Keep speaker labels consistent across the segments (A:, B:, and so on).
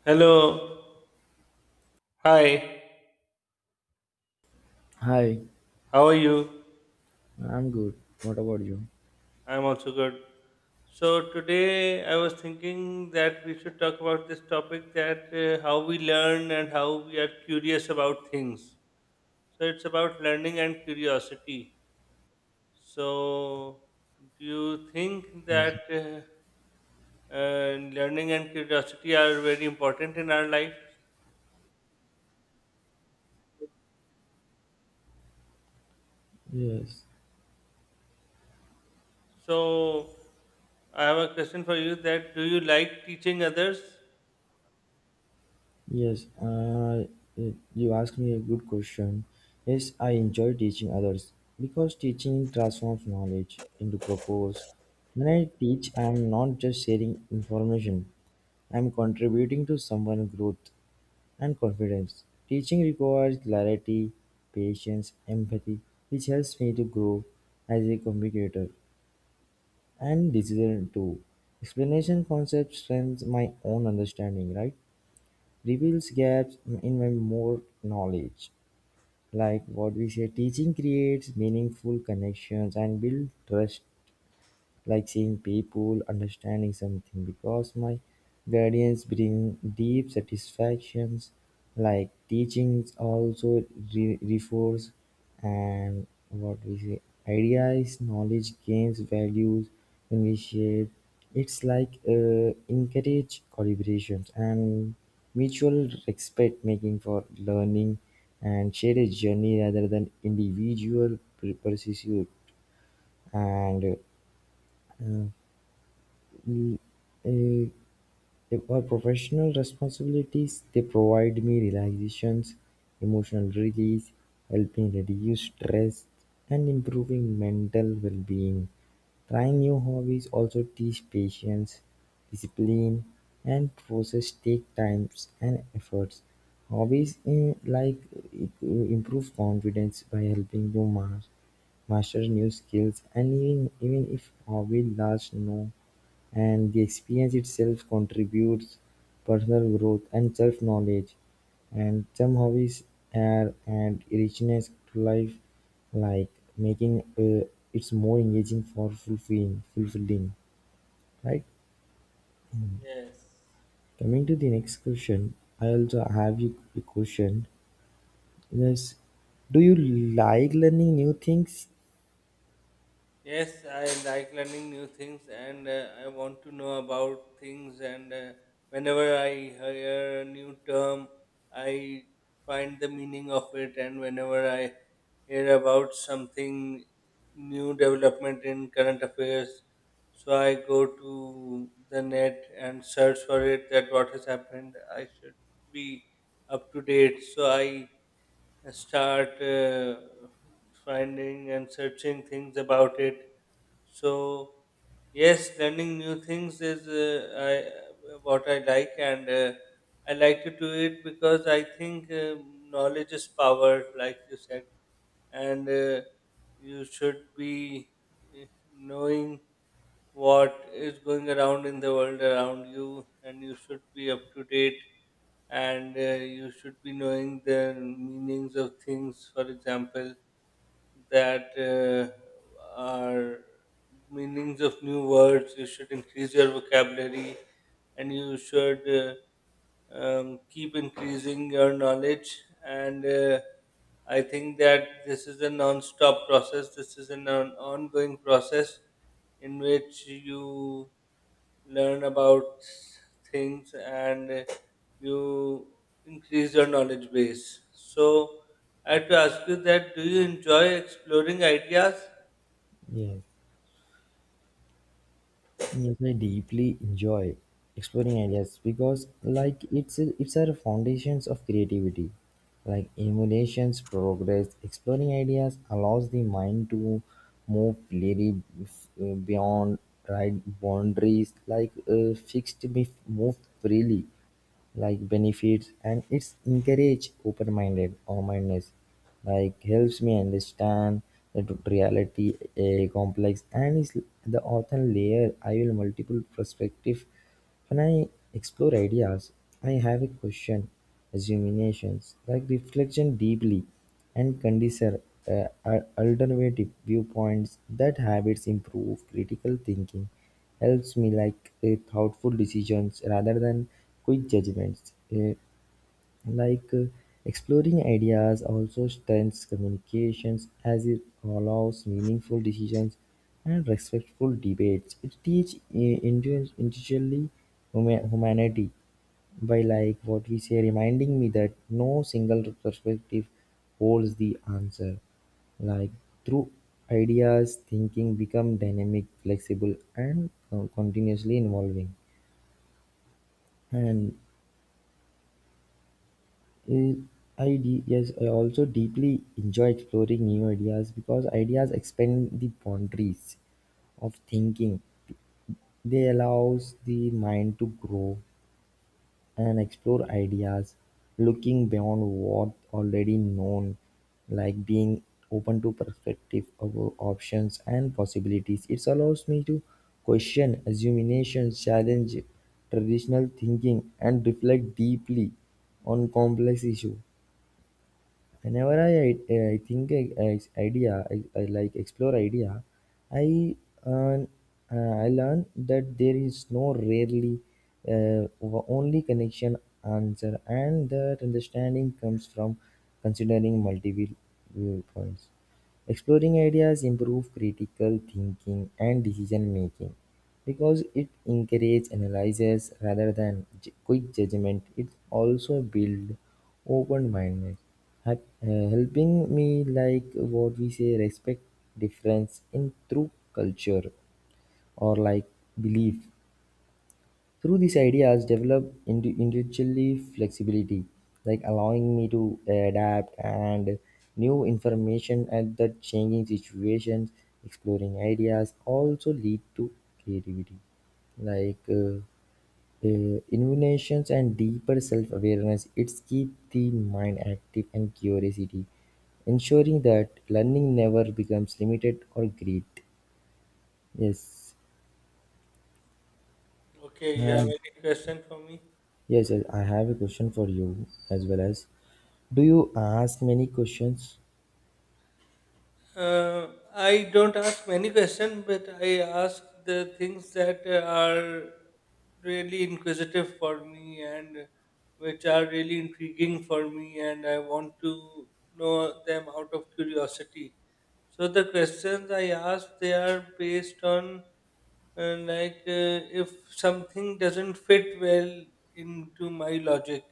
A: Hello. Hi.
B: Hi,
A: How are you?
B: I'm good. What about you?
A: I'm also good. So today I was thinking that we should talk about this topic that how we learn and how we are curious about things. So it's about learning and curiosity. So do you think that
B: Yes,
A: learning and curiosity are very important in our life?
B: yes,
A: So I have a question for you that do you like teaching others?
B: yes. You asked me a good question. Yes, I enjoy teaching others because teaching transforms knowledge into purpose. When I teach, I'm not just sharing information, I'm contributing to someone's growth and confidence. Teaching requires clarity, patience, empathy, which helps me to grow as a communicator. And decision too. Explanation concept strengthens my own understanding, right? Reveals gaps in my more knowledge. Like what we say, teaching creates meaningful connections and build trust like seeing people, understanding something, because my guardians bring deep satisfactions, like teachings also reinforce and what we say ideas, knowledge gains values when we share. It's like encourage collaborations and mutual respect making for learning and share a journey rather than individual pursuit and uh, Mm, eh, My professional responsibilities, they provide me relaxations, emotional release, helping reduce stress, and improving mental well-being. Trying new hobbies also teach patience, discipline, and process take times and efforts. Hobbies in like improve confidence by helping you master new skills, and even if hobby lasts no and the experience itself contributes personal growth and self-knowledge. And some hobbies add and richness to life, like making it's more engaging for fulfilling, fulfilling. Right.
A: Yes.
B: Coming to the next question, I also have you a question. Yes. Do you like learning new things?
A: Yes, I like learning new things and I want to know about things, and whenever I hear a new term, I find the meaning of it, and whenever I hear about something new development in current affairs, so I go to the net and search for it that what has happened. I should be up to date. So I start finding and searching things about it, so yes, learning new things is what I like, and I like to do it because I think knowledge is power, like you said, and you should be uh, knowing what is going around in the world around you, and you should be up to date, and you should be knowing the meanings of things. For example that are meanings of new words. You should increase your vocabulary and you should keep increasing your knowledge. And I think that this is a non stop process, this is an ongoing process in which you learn about things, and you increase your knowledge base. So, I had to ask you that do you enjoy exploring ideas?
B: Yes. Yes, I deeply enjoy exploring ideas because, like, it's our foundations of creativity. Like emulations, progress, exploring ideas allows the mind to move clearly beyond right boundaries, like fixed, moved freely like benefits and it's encourage open-minded awareness like helps me understand that reality a complex and is the author layer I will multiple perspective when I explore ideas I have a question assumptions like reflection deeply and consider alternative viewpoints. That habits improve critical thinking, helps me like thoughtful decisions rather than quick judgments. Like, uh, Exploring ideas also strengthens communications as it allows meaningful decisions and respectful debates. It teaches individually humanity by like what we say, reminding me that no single perspective holds the answer. Like through ideas, thinking become dynamic, flexible, and continuously evolving. And Uh, yes, I also deeply enjoy exploring new ideas because ideas expand the boundaries of thinking. They allows the mind to grow and explore ideas, looking beyond what already known, like being open to perspective of options and possibilities. It allows me to question, assumptions, challenge traditional thinking, and reflect deeply on complex issues whenever I idea I like explore idea I earn, I learn that there is no rarely uh, only connection answer and that understanding comes from considering multiple viewpoints. Exploring ideas improve critical thinking and decision-making, because it encourages analysis rather than quick judgment. It also builds open-mindedness, helping me like what we say respect difference in through culture or like belief. Through these ideas, develop individually flexibility, like allowing me to adapt and new information at the changing situations, exploring ideas also lead to creativity, like uh, innovations and deeper self-awareness. It's keep the mind active and curiosity, ensuring that learning never becomes limited or great. Yes.
A: Okay, you have
B: Uh,
A: any question for me?
B: Yes, yes, I have a question for you as well as do you ask many questions?
A: Uh, I don't ask many questions, but I ask the things that are really inquisitive for me and which are really intriguing for me, and I want to know them out of curiosity. So the questions I ask they are based on if something doesn't fit well into my logic,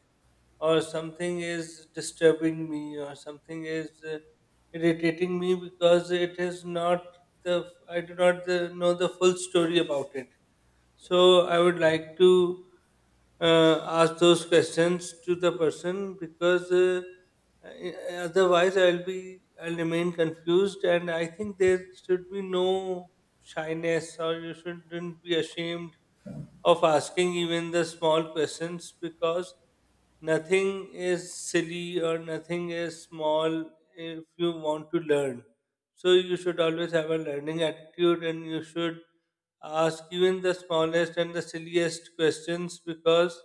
A: or something is disturbing me, or something is irritating me because it is not the I do not the, know the full story about it. So I would like to ask those questions to the person because otherwise I'll remain confused, and I think there should be no shyness or you shouldn't be ashamed of asking even the small questions because nothing is silly or nothing is small if you want to learn. So you should always have a learning attitude, and you should ask even the smallest and the silliest questions because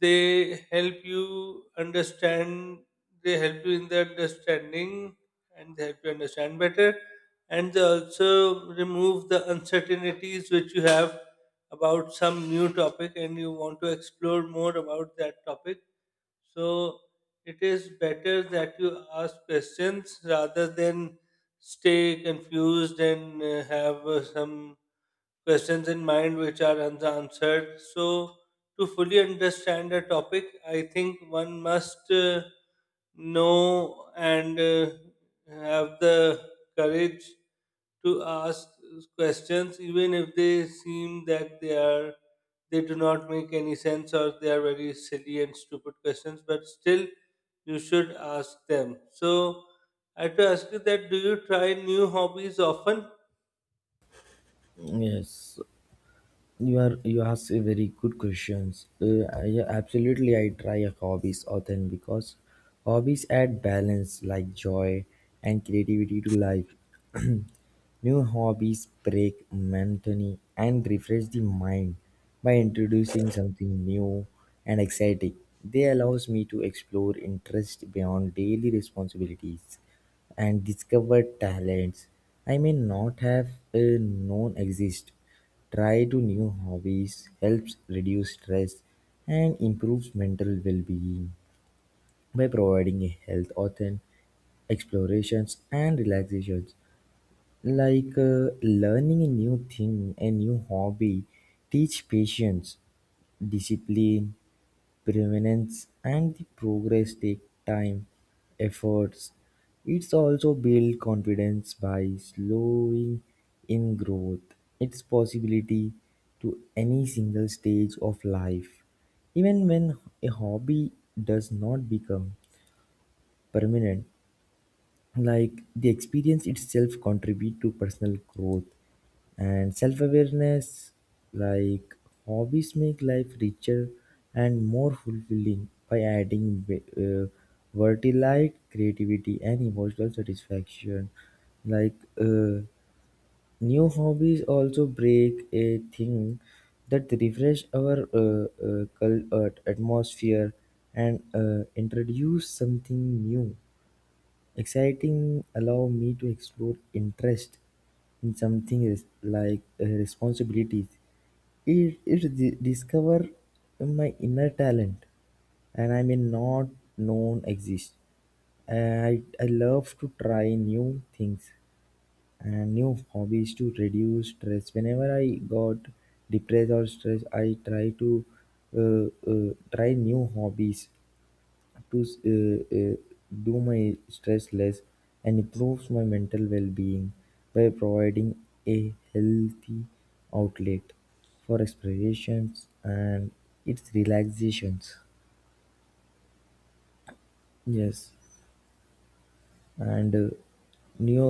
A: they help you understand they help you in the understanding, and they help you understand better, and they also remove the uncertainties which you have about some new topic and you want to explore more about that topic. So it is better that you ask questions rather than stay confused and have some questions in mind which are unanswered. So, to fully understand a topic, I think one must know and have the courage to ask questions, even if they seem that they do not make any sense, or they are very silly and stupid questions. But still, you should ask them. So, I have to ask you that: do you try new hobbies often?
B: Yes, you are you ask a very good questions. Yeah, absolutely, I try a hobbies often because hobbies add balance like joy and creativity to life. New hobbies break monotony and refresh the mind by introducing something new and exciting. They allows me to explore interest beyond daily responsibilities and discover talents I may not have known exist. Try to new hobbies helps reduce stress and improves mental well-being by providing a health, author, explorations and relaxations. Like learning a new thing, a new hobby, teach patience, discipline, permanence, and the progress take time, efforts. It's also build confidence by slowing in growth, its possibility to any single stage of life. Even when a hobby does not become permanent, like the experience itself contribute to personal growth and self-awareness like hobbies make life richer and more fulfilling by adding uh, vertilite creativity and emotional satisfaction like uh, new hobbies also break a thing that refresh our atmosphere and introduce something new. Exciting allow me to explore interest in something is like responsibilities. It discover my inner talent and I may not known exist. I love to try new things and new hobbies to reduce stress. Whenever I got depressed or stressed, I try to try new hobbies to do my stress less and improves my mental well-being by providing a healthy outlet for expressions and its relaxations yes and new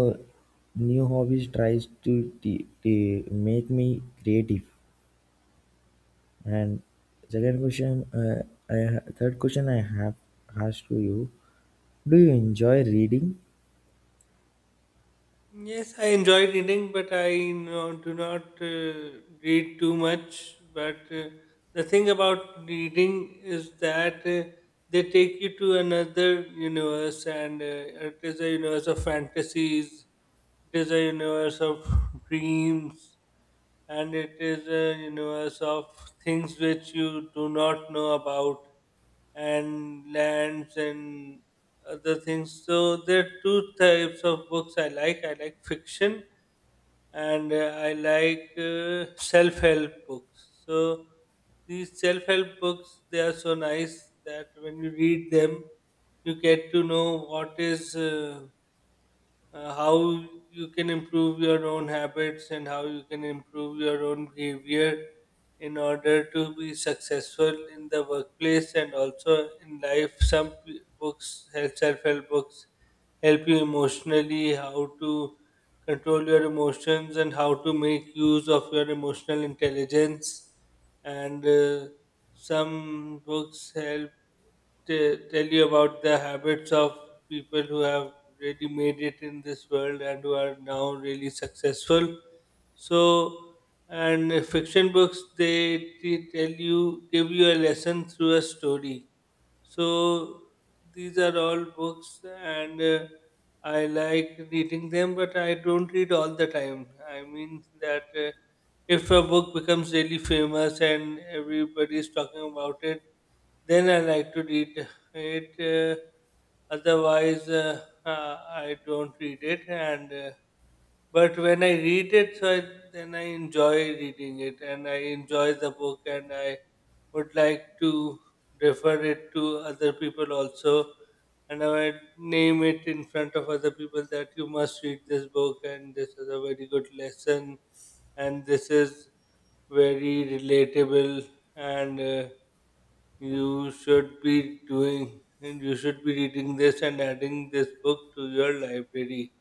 B: new hobbies tries to make me creative and second question uh, third question I have asked to you do you enjoy reading
A: Yes, I enjoy reading, but I no, do not read too much. But the thing about reading is that they take you to another universe, and it is a universe of fantasies, it is a universe of dreams, and it is a universe of things which you do not know about, and lands and other things. So there are two types of books I like. I like fiction, and I like self-help books. So these self-help books they are so nice that when you read them, you get to know what is how you can improve your own habits and how you can improve your own behavior in order to be successful in the workplace and also in life. Some books, self-help books, help you emotionally, how to control your emotions and how to make use of your emotional intelligence. And some books help tell you about the habits of people who have really made it in this world and who are now really successful. So, and fiction books they tell you, give you a lesson through a story. So, these are all books, and I like reading them, but I don't read all the time. I mean that. If a book becomes really famous and everybody is talking about it, then I like to read it. Otherwise, I don't read it. And but when I read it, then I enjoy reading it, and I enjoy the book, and I would like to refer it to other people also. And I would name it in front of other people that you must read this book, and this is a very good lesson, and this is very relatable, and you should be doing and you should be reading this and adding this book to your library.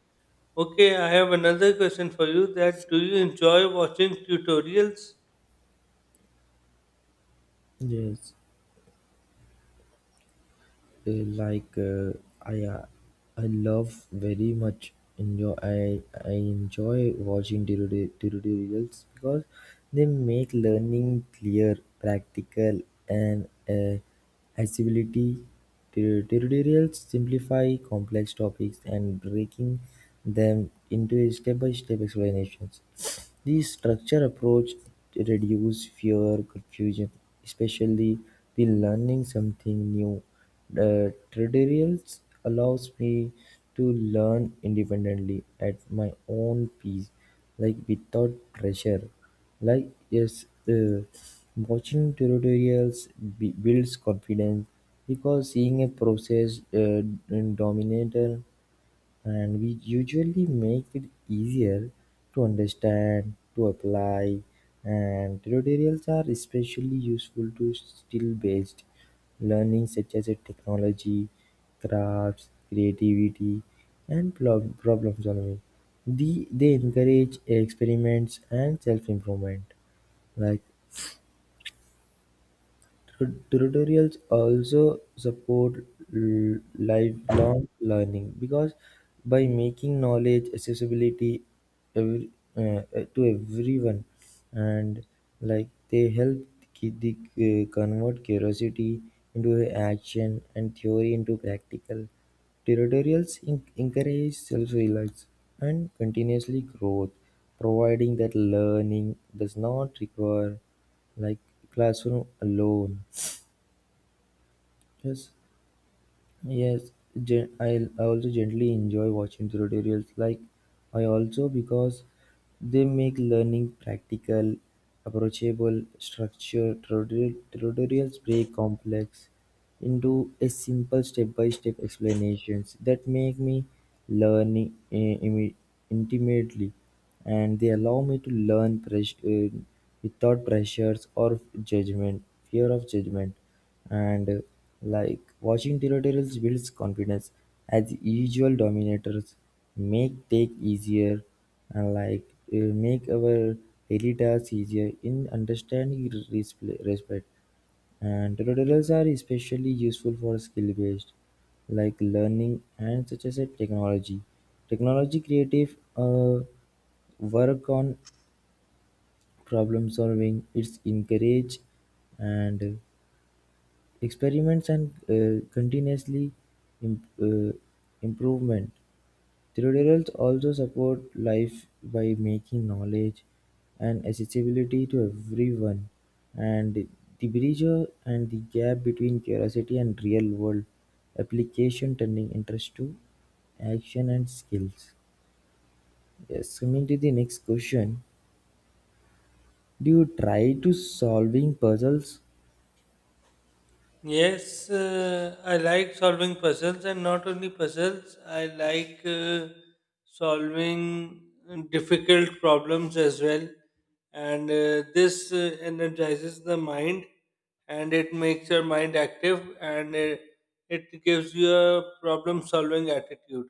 A: Okay, I have another question for you that do you enjoy watching tutorials?
B: yes uh, like uh, I uh, I love very much enjoy I enjoy watching tutorials because they make learning clear, practical, and accessibility. Tutorials simplify complex topics and breaking them into step-by-step explanations. The structure approach reduces fear confusion, especially the learning something new. The tutorials allows me to learn independently at my own pace, like without pressure. Like yes, watching tutorials builds confidence because seeing a process dominated and we usually make it easier to understand, to apply, and tutorials are especially useful to skill-based learning such as a technology, crafts, creativity, and problem solving. The, they encourage experiments and self-improvement. Like tutorials also support lifelong learning because by making knowledge accessibility every, to everyone and like they help ki- the, convert curiosity into action and theory into practical tutorials encourage self-reliance and continuously growth providing that learning does not require like classroom alone. Yes, yes. Gen- I I also generally enjoy watching tutorials. Like I also because they make learning practical, approachable, structured. Tutorials break complex into a simple step-by-step explanations that make me learn intimately and they allow me to learn without pressures or judgment fear of judgment and like watching tutorials builds confidence as usual dominators make take easier and like make our daily tasks easier in understanding respect and tutorials are especially useful for skill-based, like learning and such as a technology. Technology creative work on problem solving. It's encourage and experiments and continuously im- uh, improvement. Tutorials also support life by making knowledge and accessibility to everyone and the bridge and the gap between curiosity and real-world application, turning interest to action and skills. Yes, coming to the next question. Do you try to solving puzzles?
A: Yes, I like solving puzzles, and not only puzzles, I like solving difficult problems as well. And this energizes the mind, and it makes your mind active, and it gives you a problem solving attitude,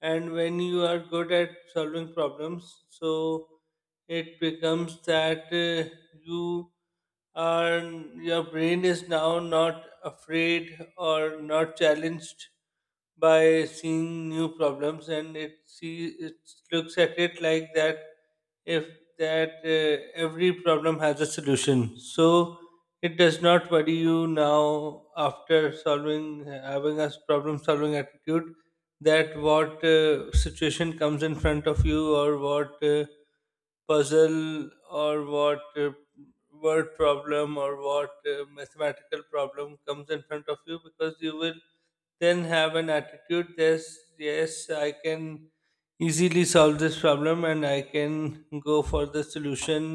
A: and when you are good at solving problems so it becomes that you are your brain is now not afraid or not challenged by seeing new problems, and it see it looks at it like that if that every problem has a solution, so it does not worry you now after solving having a problem solving attitude, that what situation comes in front of you, or what puzzle, or what word problem, or what mathematical problem comes in front of you, because you will then have an attitude: yes, yes I can easily solve this problem, and I can go for the solution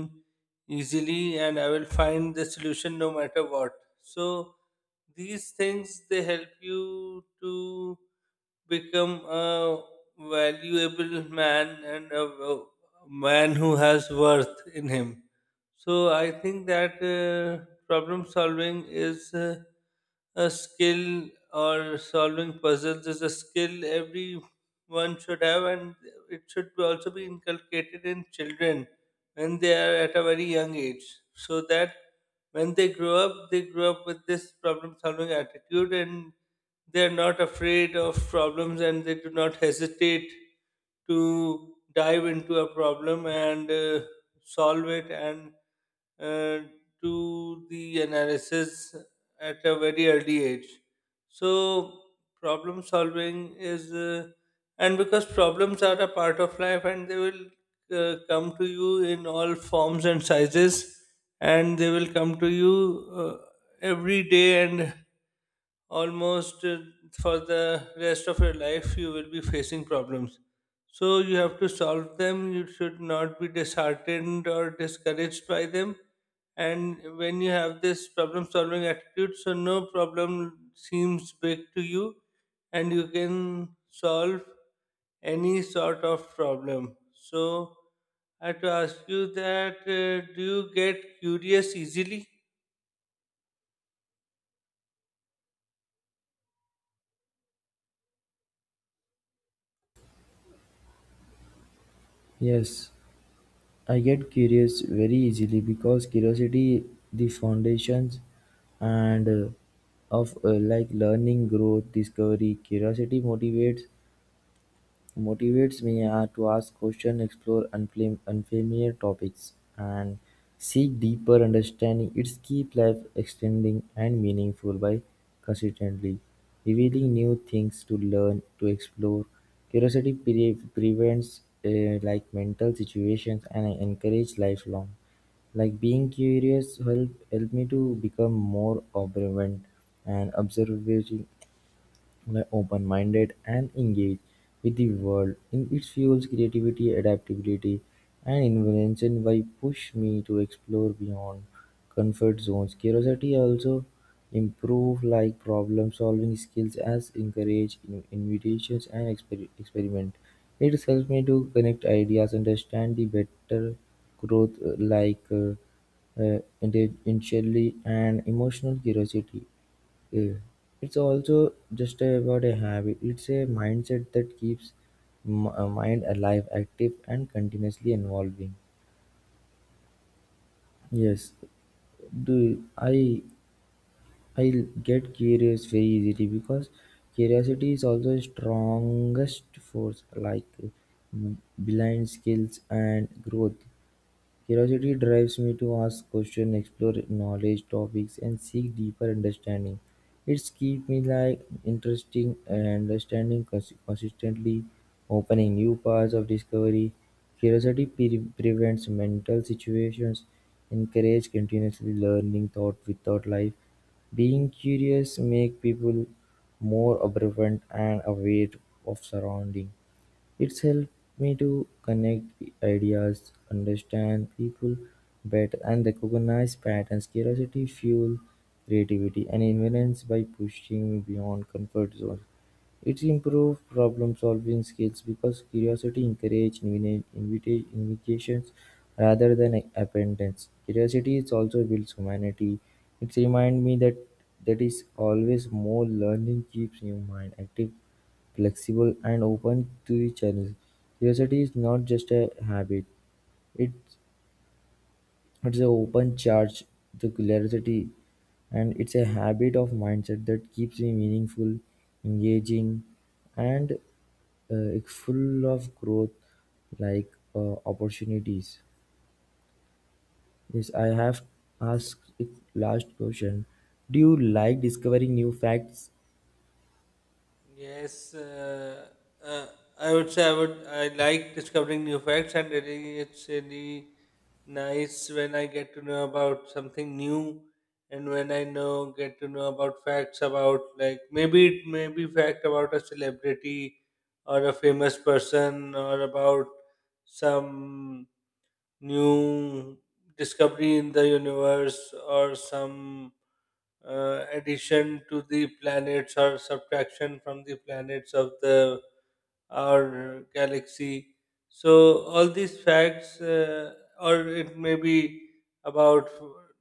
A: easily, and I will find the solution no matter what. So these things they help you to become a valuable man, and a man who has worth in him. So I think that problem solving is a skill, or solving puzzles is a skill everyone should have, and it should be also be inculcated in children when they are at a very young age, so that when they grow up with this problem solving attitude, and they are not afraid of problems, and they do not hesitate to dive into a problem and solve it, and uh, do the analysis at a very early age. So, problem solving is, and because problems are a part of life, and they will come to you in all forms and sizes, and they will come to you every day, and almost for the rest of your life you will be facing problems, so you have to solve them. You should not be disheartened or discouraged by them, and when you have this problem solving attitude so no problem seems big to you, and you can solve any sort of problem. So I have to ask you that do you get curious easily?
B: Yes, I get curious very easily because curiosity the foundations and of like learning, growth, discovery. Curiosity motivates me are to ask questions, explore unfamiliar topics, and seek deeper understanding. It's keep life extending and meaningful by consistently revealing new things to learn, to explore. Curiosity prevents like mental situations and I encourage lifelong. Like being curious help me to become more observant and observing were open-minded and engaged with the world. In it fuels creativity, adaptability, and invention by push me to explore beyond comfort zones. Curiosity also improve like problem solving skills as encourage invitations and experiment. It helps me to connect ideas, understand the better growth intellectually and emotional curiosity yeah. It's also just about a habit, it's a mindset that keeps mind alive, active, and continuously evolving. Yes, do I get curious very easily because curiosity is also the strongest force like blind skills and growth. Curiosity drives me to ask questions, explore knowledge topics, and seek deeper understanding. It's keep me like interesting and understanding consistently, opening new paths of discovery. Curiosity prevents mental situations, encourage continuously learning thought without life. Being curious make people more observant and aware of surrounding. It's helped me to connect ideas, understand people better, and recognize patterns. Curiosity fuels creativity and invents by pushing me beyond comfort zone. It improves problem-solving skills because curiosity encourages invitations rather than abundance. Curiosity is also builds humanity. It reminds me that that is always more learning keeps your mind active, flexible, and open to the challenge. Curiosity is not just a habit; it it's an open charge the curiosity, and it's a habit of mindset that keeps me meaningful, engaging, and it's full of growth, like opportunities. Yes, I have asked it last question. Do you like discovering new facts?
A: Yes, uh, I would say I would. I like discovering new facts, and really, it's really nice when I get to know about something new, and when I know get to know about facts about, like, maybe it may be fact about a celebrity, or a famous person, or about some new discovery in the universe, or some addition to the planets or subtraction from the planets of the our galaxy. So all these facts, or it may be about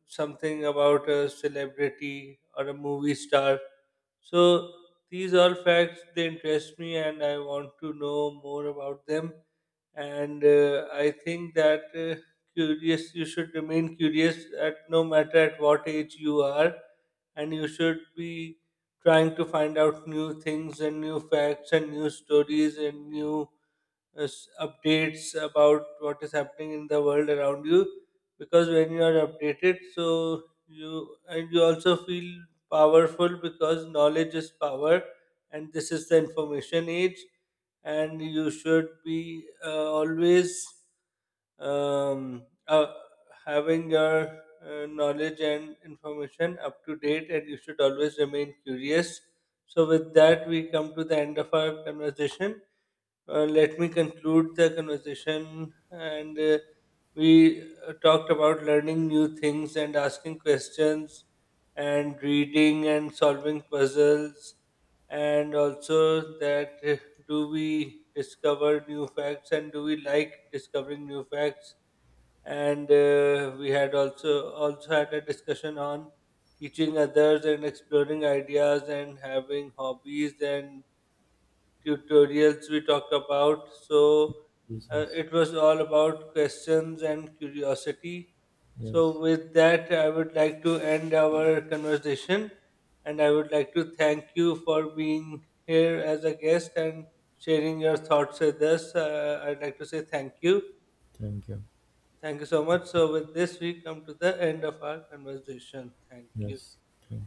A: something about a celebrity or a movie star. So these all facts they interest me, and I want to know more about them, and I think that curious you should remain curious at no matter at what age you are, and you should be trying to find out new things, and new facts, and new stories, and new updates about what is happening in the world around you, because when you are updated so you and you also feel powerful, because knowledge is power, and this is the information age, and you should be always um, uh, having your knowledge and information up to date, and you should always remain curious. So with that we come to the end of our conversation. Let me conclude the conversation. And we talked about learning new things and asking questions, and reading and solving puzzles, and also that do we discover new facts and do we like discovering new facts? And we had also had a discussion on teaching others and exploring ideas and having hobbies, and tutorials we talked about. So
B: Yes, yes,
A: it was all about questions and curiosity. So,
B: yes.
A: with that, I would like to end our conversation, and I would like to thank you for being here as a guest and sharing your thoughts with us. I'd like to say thank you.
B: Thank you.
A: Thank you so much. So, with this, we come to the end of our conversation. Thank you.
B: Yes, thank